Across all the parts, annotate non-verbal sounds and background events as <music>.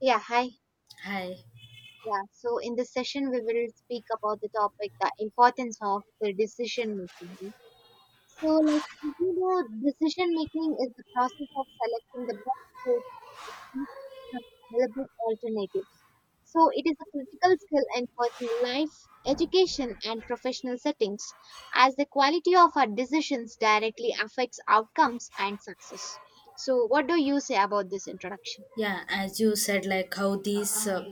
Yeah, hi. Hi. Yeah, so in this session, we will speak about the topic the importance of the decision making. So, decision making is the process of selecting the best course from available alternatives. So, it is a critical skill in personal life, education, and professional settings, as the quality of our decisions directly affects outcomes and success. So, what do you say about this introduction? Yeah, as you said, like how these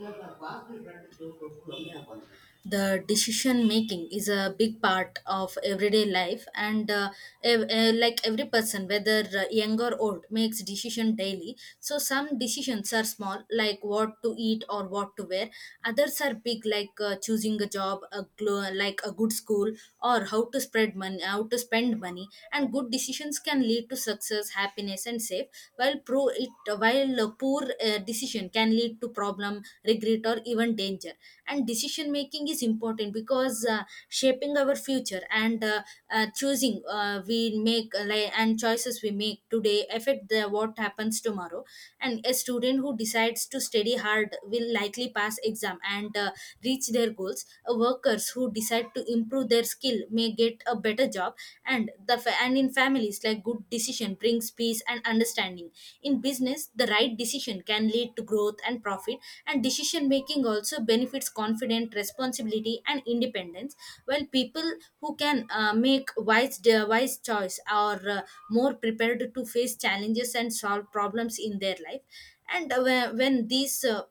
the decision making is a big part of everyday life and like every person whether young or old makes decision daily. So some decisions are small, like what to eat or what to wear. Others are big, like choosing a job, like a good school, or how to spread money, how to spend money. And good decisions can lead to success, happiness, and safe, while pro it while a poor decision can lead to problem, regret, or even danger. And decision making is important because shaping our future, and choosing we make like, and choices we make today affect the what happens tomorrow. And a student who decides to study hard will likely pass exam and reach their goals. Workers who decide to improve their skill may get a better job, and in families, like good decision brings peace and understanding. In business, the right decision can lead to growth and profit, and decision making also benefits confidence, responsibility, and independence. While people who can wise choice are more prepared to face challenges and solve problems in their life. And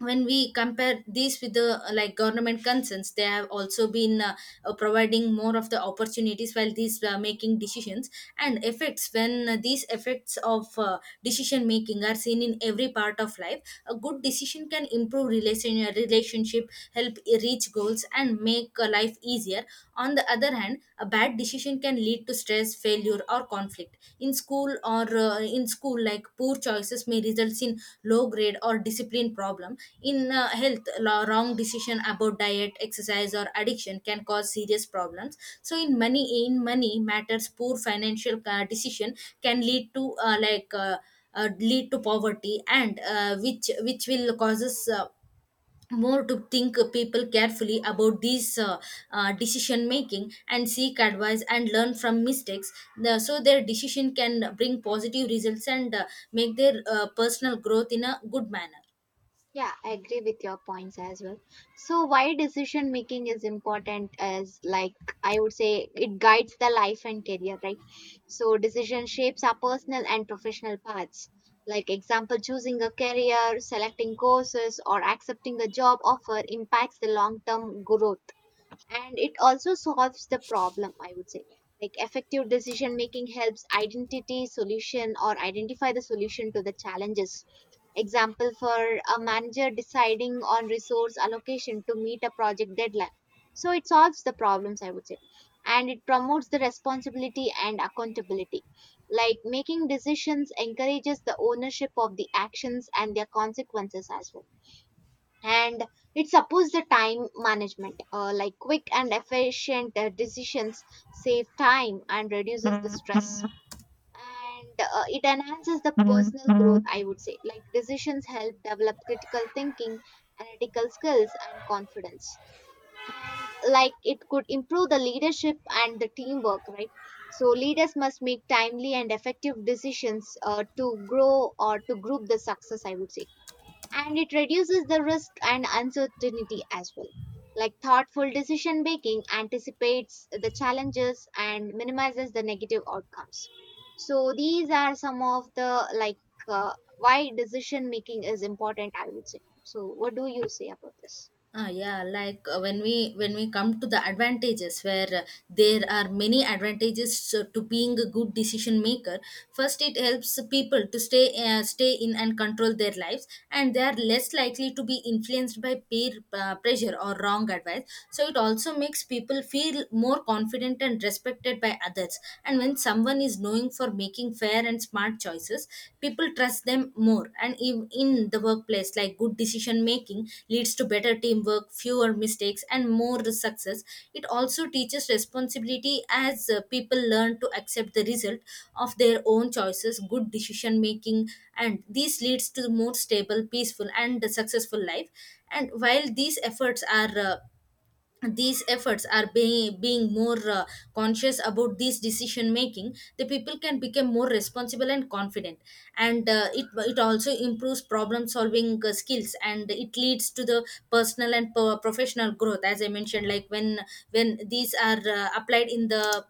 when we compare these with the like government concerns, they have also been providing more of the opportunities while these making decisions and effects. When these effects of decision making are seen in every part of life, a good decision can improve relationship, help reach goals, and make life easier. On the other hand, a bad decision can lead to stress, failure, or conflict. In school, like poor choices may result in low grade or discipline problem. In health, wrong decision about diet, exercise, or addiction can cause serious problems. So in money matters, poor financial decision can lead to lead to poverty, and which will causes more to think people carefully about these decision making, and seek advice and learn from mistakes. So their decision can bring positive results and make their personal growth in a good manner. Yeah, I agree with your points as well. So, why decision making is important as like I would say it guides the life and career, right? So, decision shapes our personal and professional paths. Like example, choosing a career, selecting courses, or accepting a job offer impacts the long-term growth, and it also solves the problem, I would say. Like effective decision making helps identity solution or identify the solution to the challenges. Example for a manager deciding on resource allocation to meet a project deadline, so it solves the problems, I would say. And it promotes the responsibility and accountability, like making decisions encourages the ownership of the actions and their consequences as well. And it supports the time management, like quick and efficient decisions save time and reduces the stress. And it enhances the personal growth, I would say. Like decisions help develop critical thinking, analytical skills and confidence. And like it could improve the leadership and the teamwork, right? So leaders must make timely and effective decisions to grow or to group the success, I would say. And it reduces the risk and uncertainty as well. Like thoughtful decision making anticipates the challenges and minimizes the negative outcomes. So these are some of the why decision making is important, I would say. So what do you say about this? Ah, yeah, like when we come to the advantages, where there are many advantages to being a good decision maker. First, it helps people to stay in and control their lives, and they are less likely to be influenced by peer pressure or wrong advice. So it also makes people feel more confident and respected by others. And when someone is knowing for making fair and smart choices, people trust them more. And in the workplace, like good decision making leads to better teamwork, fewer mistakes, and more success. It also teaches responsibility as people learn to accept the result of their own choices, good decision making, and this leads to more stable, peaceful, and successful life. And while these efforts are being more conscious about this decision making, the people can become more responsible and confident. And it also improves problem solving skills, and it leads to the personal and professional growth. As I mentioned, like when when these are applied in the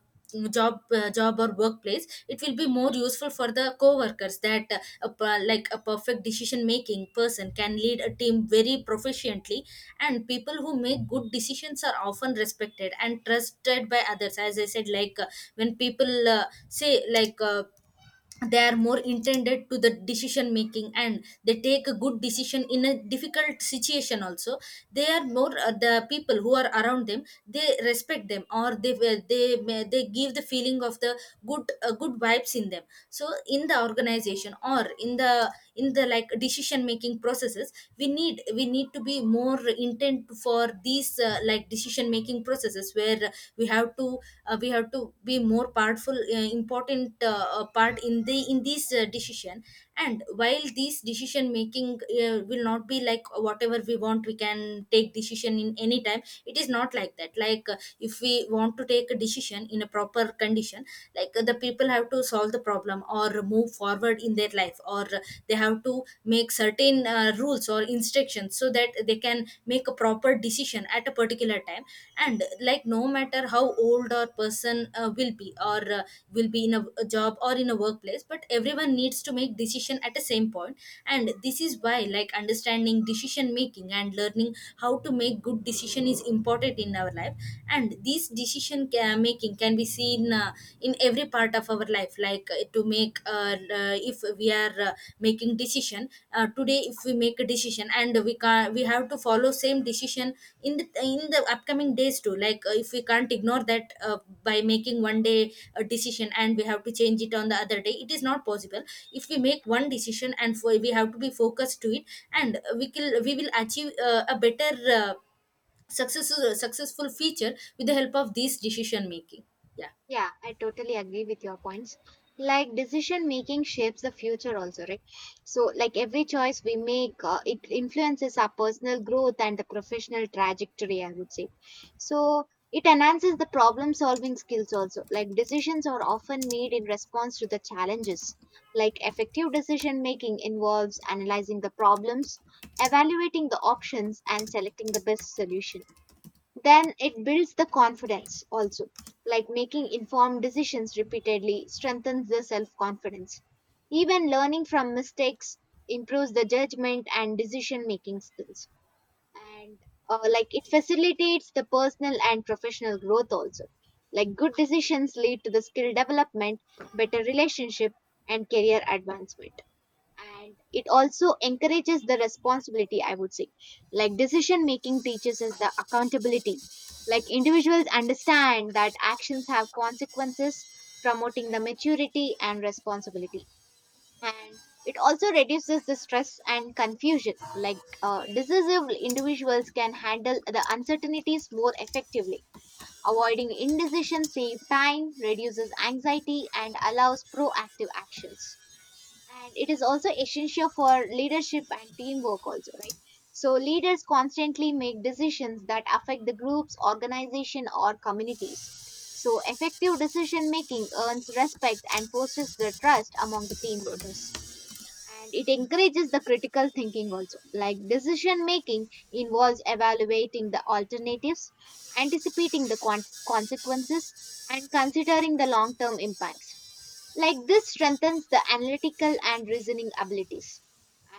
job or workplace, it will be more useful for the co-workers, that like a perfect decision making person can lead a team very proficiently. And people who make good decisions are often respected and trusted by others, as I said. Like when people say, like, they are more intended to the decision making, and they take a good decision in a difficult situation also. They are more the people who are around them, they respect them, or they give the feeling of the good good vibes in them. So in the organization or in the like decision making processes, we need to be more intent for these like decision making processes, where we have to we have to be more powerful, important part in the in this decision. And while this decision making will not be like whatever we want, we can take decision in any time. It is not like that. Like if we want to take a decision in a proper condition, like the people have to solve the problem or move forward in their life, or they have to make certain rules or instructions, so that they can make a proper decision at a particular time. And like no matter how old or person will be, or will be in a job or in a workplace, but everyone needs to make decision at the same point. And this is why, like, understanding decision making and learning how to make good decision is important in our life. And this making can be seen in every part of our life. Like to make if we are making decision today, if we make a decision, and we have to follow same decision in the upcoming days too. Like if we can't ignore that by making one day a decision and we have to change it on the other day, it is not possible. If we make one decision, and for, we have to be focused to it. And we will achieve a better uh, successful future with the help of this decision making. Yeah. Yeah, I totally agree with your points. Like decision making shapes the future also, right? So like every choice we make, it influences our personal growth and the professional trajectory, I would say. So it enhances the problem solving skills also. Like decisions are often made in response to the challenges. Like effective decision making involves analyzing the problems, evaluating the options and selecting the best solution. Then it builds the confidence also, like making informed decisions repeatedly strengthens the self confidence. Even learning from mistakes improves the judgment and decision making skills. And like it facilitates the personal and professional growth also. Like good decisions lead to the skill development, better relationship and career advancement. And it also encourages the responsibility, I would say. Like decision making teaches us the accountability, like individuals understand that actions have consequences, promoting the maturity and responsibility. And it also reduces the stress and confusion, decisive individuals can handle the uncertainties more effectively. Avoiding indecision saves time, reduces anxiety and allows proactive actions. And it is also essential for leadership and teamwork also, right? So leaders constantly make decisions that affect the group's organization or communities, so effective decision making earns respect and fosters the trust among the team members. And it encourages the critical thinking also. Like decision making involves evaluating the alternatives, anticipating the consequences and considering the long term impacts. Like this strengthens the analytical and reasoning abilities.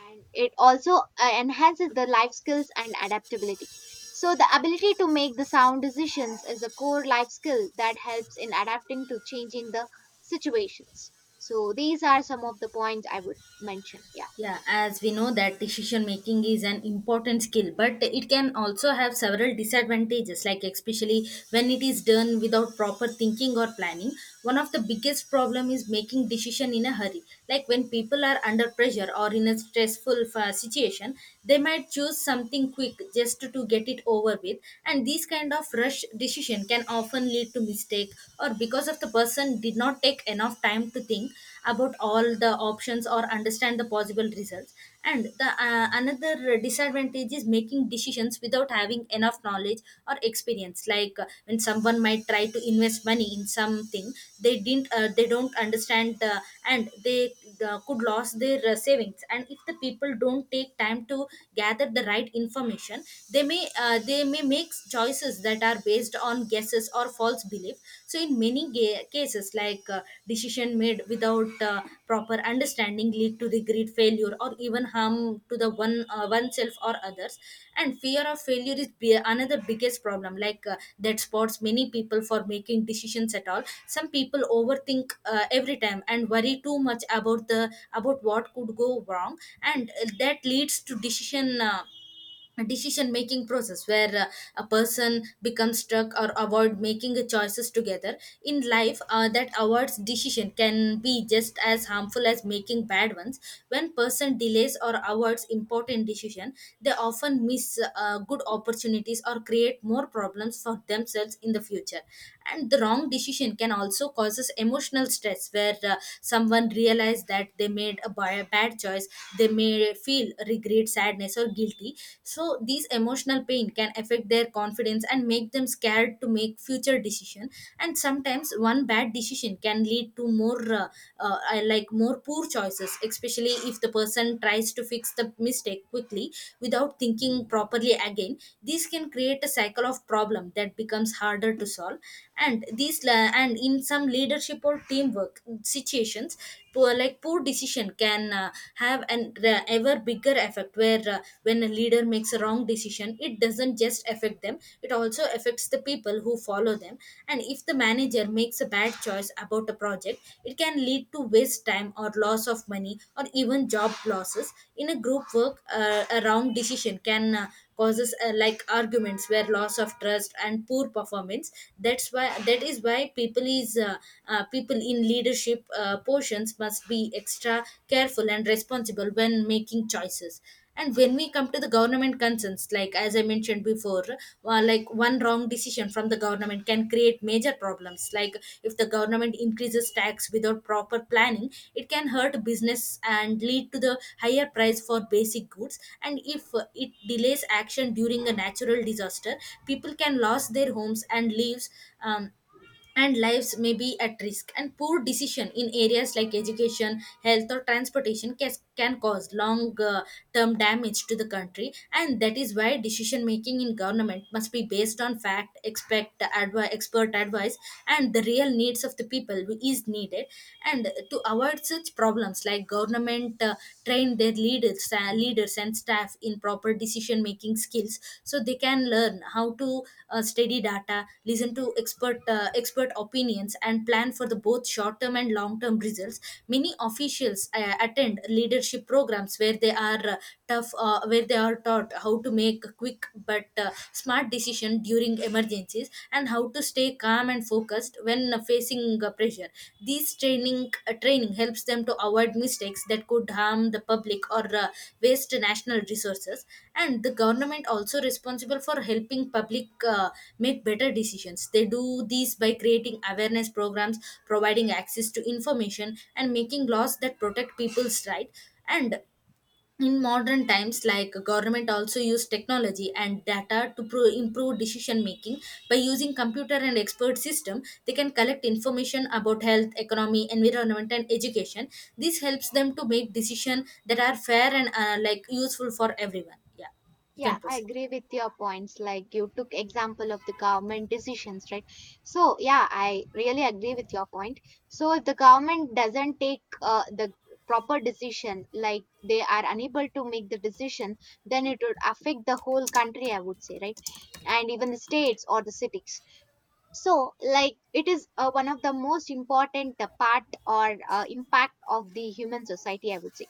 And it also enhances the life skills and adaptability. So the ability to make the sound decisions is a core life skill that helps in adapting to changing the situations. So these are some of the points I would mention. Yeah. Yeah, as we know that decision making is an important skill, but it can also have several disadvantages, like especially when it is done without proper thinking or planning. One of the biggest problem is making decision in a hurry. Like when people are under pressure or in a stressful situation, they might choose something quick just to get it over with, and these kind of rush decision can often lead to mistake, or because of the person did not take enough time to think about all the options or understand the possible results. And the another disadvantage is making decisions without having enough knowledge or experience. Like when someone might try to invest money in something they didn't they don't understand, and they could lose their savings. And if the people don't take time to gather the right information, they may make choices that are based on guesses or false belief. So in many cases, like decision made without proper understanding lead to regret, failure, or even harm to the one oneself or others. And fear of failure is another biggest problem, like that spots many people for making decisions at all. Some people overthink every time and worry too much about the about what could go wrong. And that leads to decision making process where a person becomes stuck or avoid making choices together in life. That avoids decision can be just as harmful as making bad ones. When person delays or avoids important decision, they often miss good opportunities or create more problems for themselves in the future. And the wrong decision can also causes emotional stress, where someone realize that they made a bad choice, they may feel regret, sadness, or guilty. So these emotional pain can affect their confidence and make them scared to make future decision. And sometimes one bad decision can lead to more like more poor choices, especially if the person tries to fix the mistake quickly without thinking properly again. This can create a cycle of problem that becomes harder to solve. And in some leadership or teamwork situations, poor decision can ever bigger effect, where when a leader makes a wrong decision, it doesn't just affect them, it also affects the people who follow them. And if the manager makes a bad choice about a project, it can lead to waste time or loss of money or even job losses. In a group work, a wrong decision can causes like arguments, where loss of trust and poor performance. That is why people is people in leadership portions must be extra careful and responsible when making choices. And when we come to the government concerns, like as I mentioned before, like one wrong decision from the government can create major problems. Like if the government increases tax without proper planning, it can hurt business and lead to the higher price for basic goods. And if it delays action during a natural disaster, people can lose their homes and lives. um, and lives may be at risk, and poor decision in areas like education, health, or transportation can cause long term damage to the country. And that is why decision making in government must be based on fact, expert advice and the real needs of the people who is needed. And to avoid such problems, like government train their leaders, leaders and staff in proper decision making skills, so they can learn how to study data, listen to expert opinions, and plan for the both short term and long term results. Many officials attend leadership programs where they are tough where they are taught how to make quick but smart decision during emergencies, and how to stay calm and focused when facing pressure. These training helps them to avoid mistakes that could harm the public or waste national resources. And the government also responsible for helping public make better decisions. They do these by creating awareness programs, providing access to information, and making laws that protect people's right. And in modern times, like government also use technology and data to improve decision making by using computer and expert system. They can collect information about health, economy, environment, and education. This helps them to make decision that are fair and like useful for everyone. Yeah, you Yeah, can I proceed. agree with your points. Like you took example of the government decisions, right? So yeah, I really agree with your point. So if the government doesn't take the proper decision, like they are unable to make the decision, then it would affect the whole country, I would say, right? And even the states or the cities. So like it is one of the most important part or impact of the human society, I would say.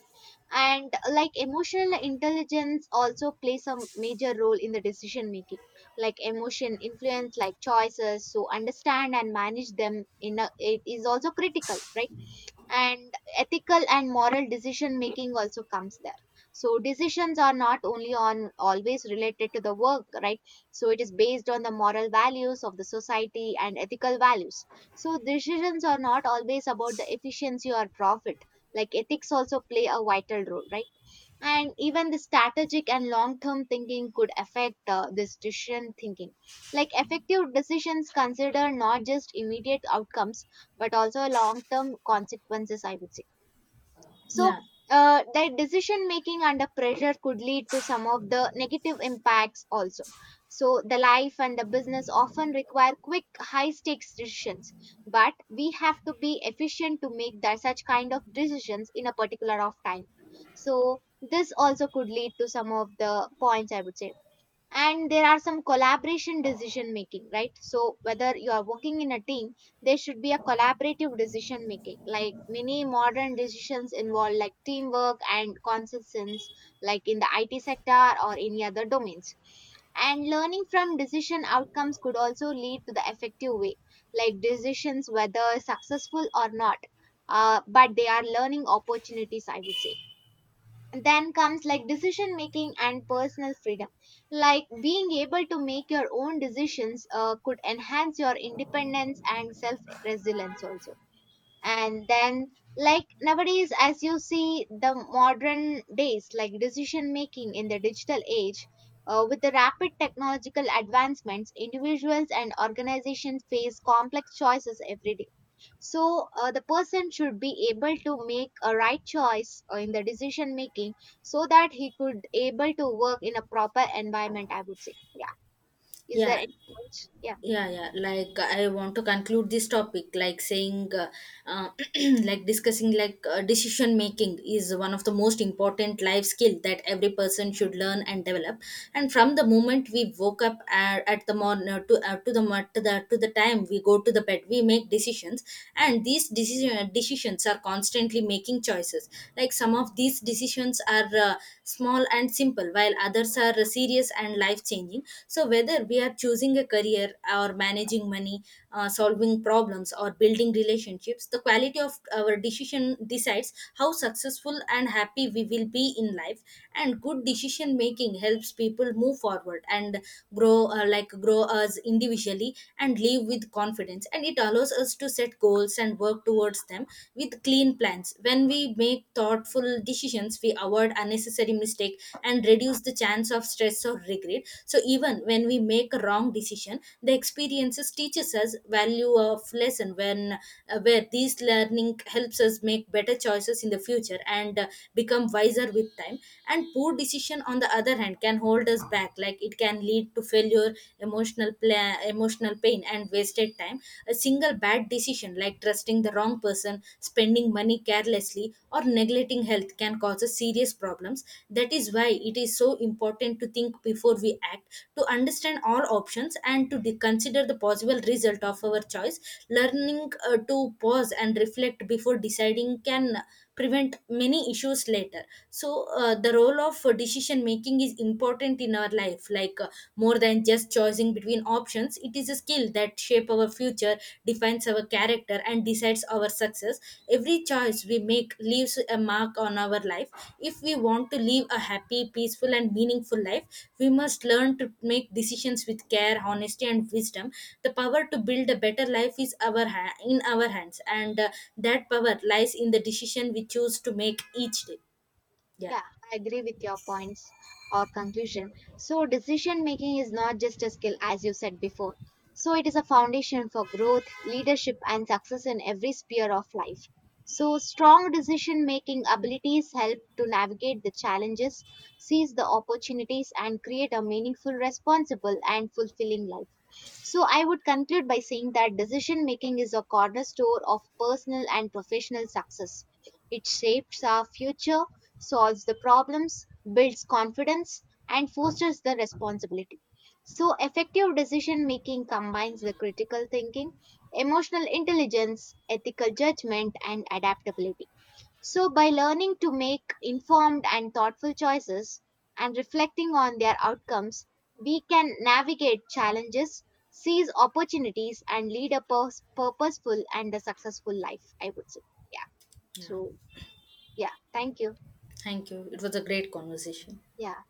And like emotional intelligence also plays a major role in the decision making. Like emotion influence like choices, so understand and manage them in a, it is also critical, right? And ethical and moral decision making also comes there. So decisions are not only on always related to the work, right? So it is based on the moral values of the society and ethical values. So decisions are not always about the efficiency or profit, like ethics also play a vital role, right? And even the strategic and long term thinking could affect this decision thinking. Like effective decisions consider not just immediate outcomes but also long term consequences, I would say. So, yeah that decision making under pressure could lead to some of the negative impacts also. So, the life and the business often require quick, high stakes decisions, but we have to be efficient to make that such kind of decisions in a particular of time. So, this also could lead to some of the points I would say. And there are some collaboration decision making, right? So whether you are working in a team, there should be a collaborative decision making, like many modern decisions involve like teamwork and consensus, like in the IT sector or any other domains. And learning from decision outcomes could also lead to the effective way. Like decisions whether successful or not, but they are learning opportunities, I would say. Then comes like decision making and personal freedom, like being able to make your own decisions could enhance your independence and self resilience also. And then, like nowadays as you see the modern days, like decision making in the digital age, with the rapid technological advancements individuals and organizations face complex choices every day. So the person should be able to make a right choice in the decision making, so that he could able to work in a proper environment, I would say. Yeah. Is there yeah any point? Yeah. yeah yeah like I want to conclude this topic like saying uh, <clears throat> like discussing like decision making is one of the most important life skill that every person should learn and develop. And from the moment we woke up at the morning to the to the to the time we go to the bed, we make decisions. And these decisions are constantly making choices. Like some of these decisions are small and simple, while others are serious and life changing. So whether we are choosing a career or managing money, solving problems or building relationships, the quality of our decision decides how successful and happy we will be in life. And good decision making helps people move forward and grow like grow us individually and live with confidence, and it allows us to set goals and work towards them with clean plans. When we make thoughtful decisions, we avoid unnecessary mistake and reduce the chance of stress or regret. So even when we make a wrong decision, the experiences teaches us value of lesson. When Where these learning helps us make better choices in the future, and become wiser with time. And poor decision on the other hand can hold us back. Like it can lead to failure, emotional pain, and wasted time. A single bad decision, like trusting the wrong person, spending money carelessly, or neglecting health, can cause us serious problems. That is why it is so important to think before we act, to understand all options, and to consider the possible result of our choice. Learning to pause and reflect before deciding can prevent many issues later. So the role of decision making is important in our life, like more than just choosing between options. It is a skill that shape our future, defines our character, and decides our success. Every choice we make leaves a mark on our life. If we want to live a happy, peaceful, and meaningful life, we must learn to make decisions with care, honesty, and wisdom. The power to build a better life is in our hands, and that power lies in the decision we choose to make each day. Yeah. Yeah, I agree with your points or conclusion. So, decision making is not just a skill, as you said before. So, it is a foundation for growth, leadership, and success in every sphere of life. So, strong decision making abilities help to navigate the challenges, seize the opportunities, and create a meaningful, responsible, and fulfilling life. So I would conclude by saying that decision making is a cornerstone of personal and professional success. It shapes our future, solves the problems, builds confidence, and fosters the responsibility. So effective decision making combines the critical thinking, emotional intelligence, ethical judgment, and adaptability. So, by learning to make informed and thoughtful choices and reflecting on their outcomes, we can navigate challenges, seize opportunities, and lead a purposeful and a successful life, I would say. Yeah. Yeah, So, yeah. Thank you. thank you. It was a great conversation. Yeah.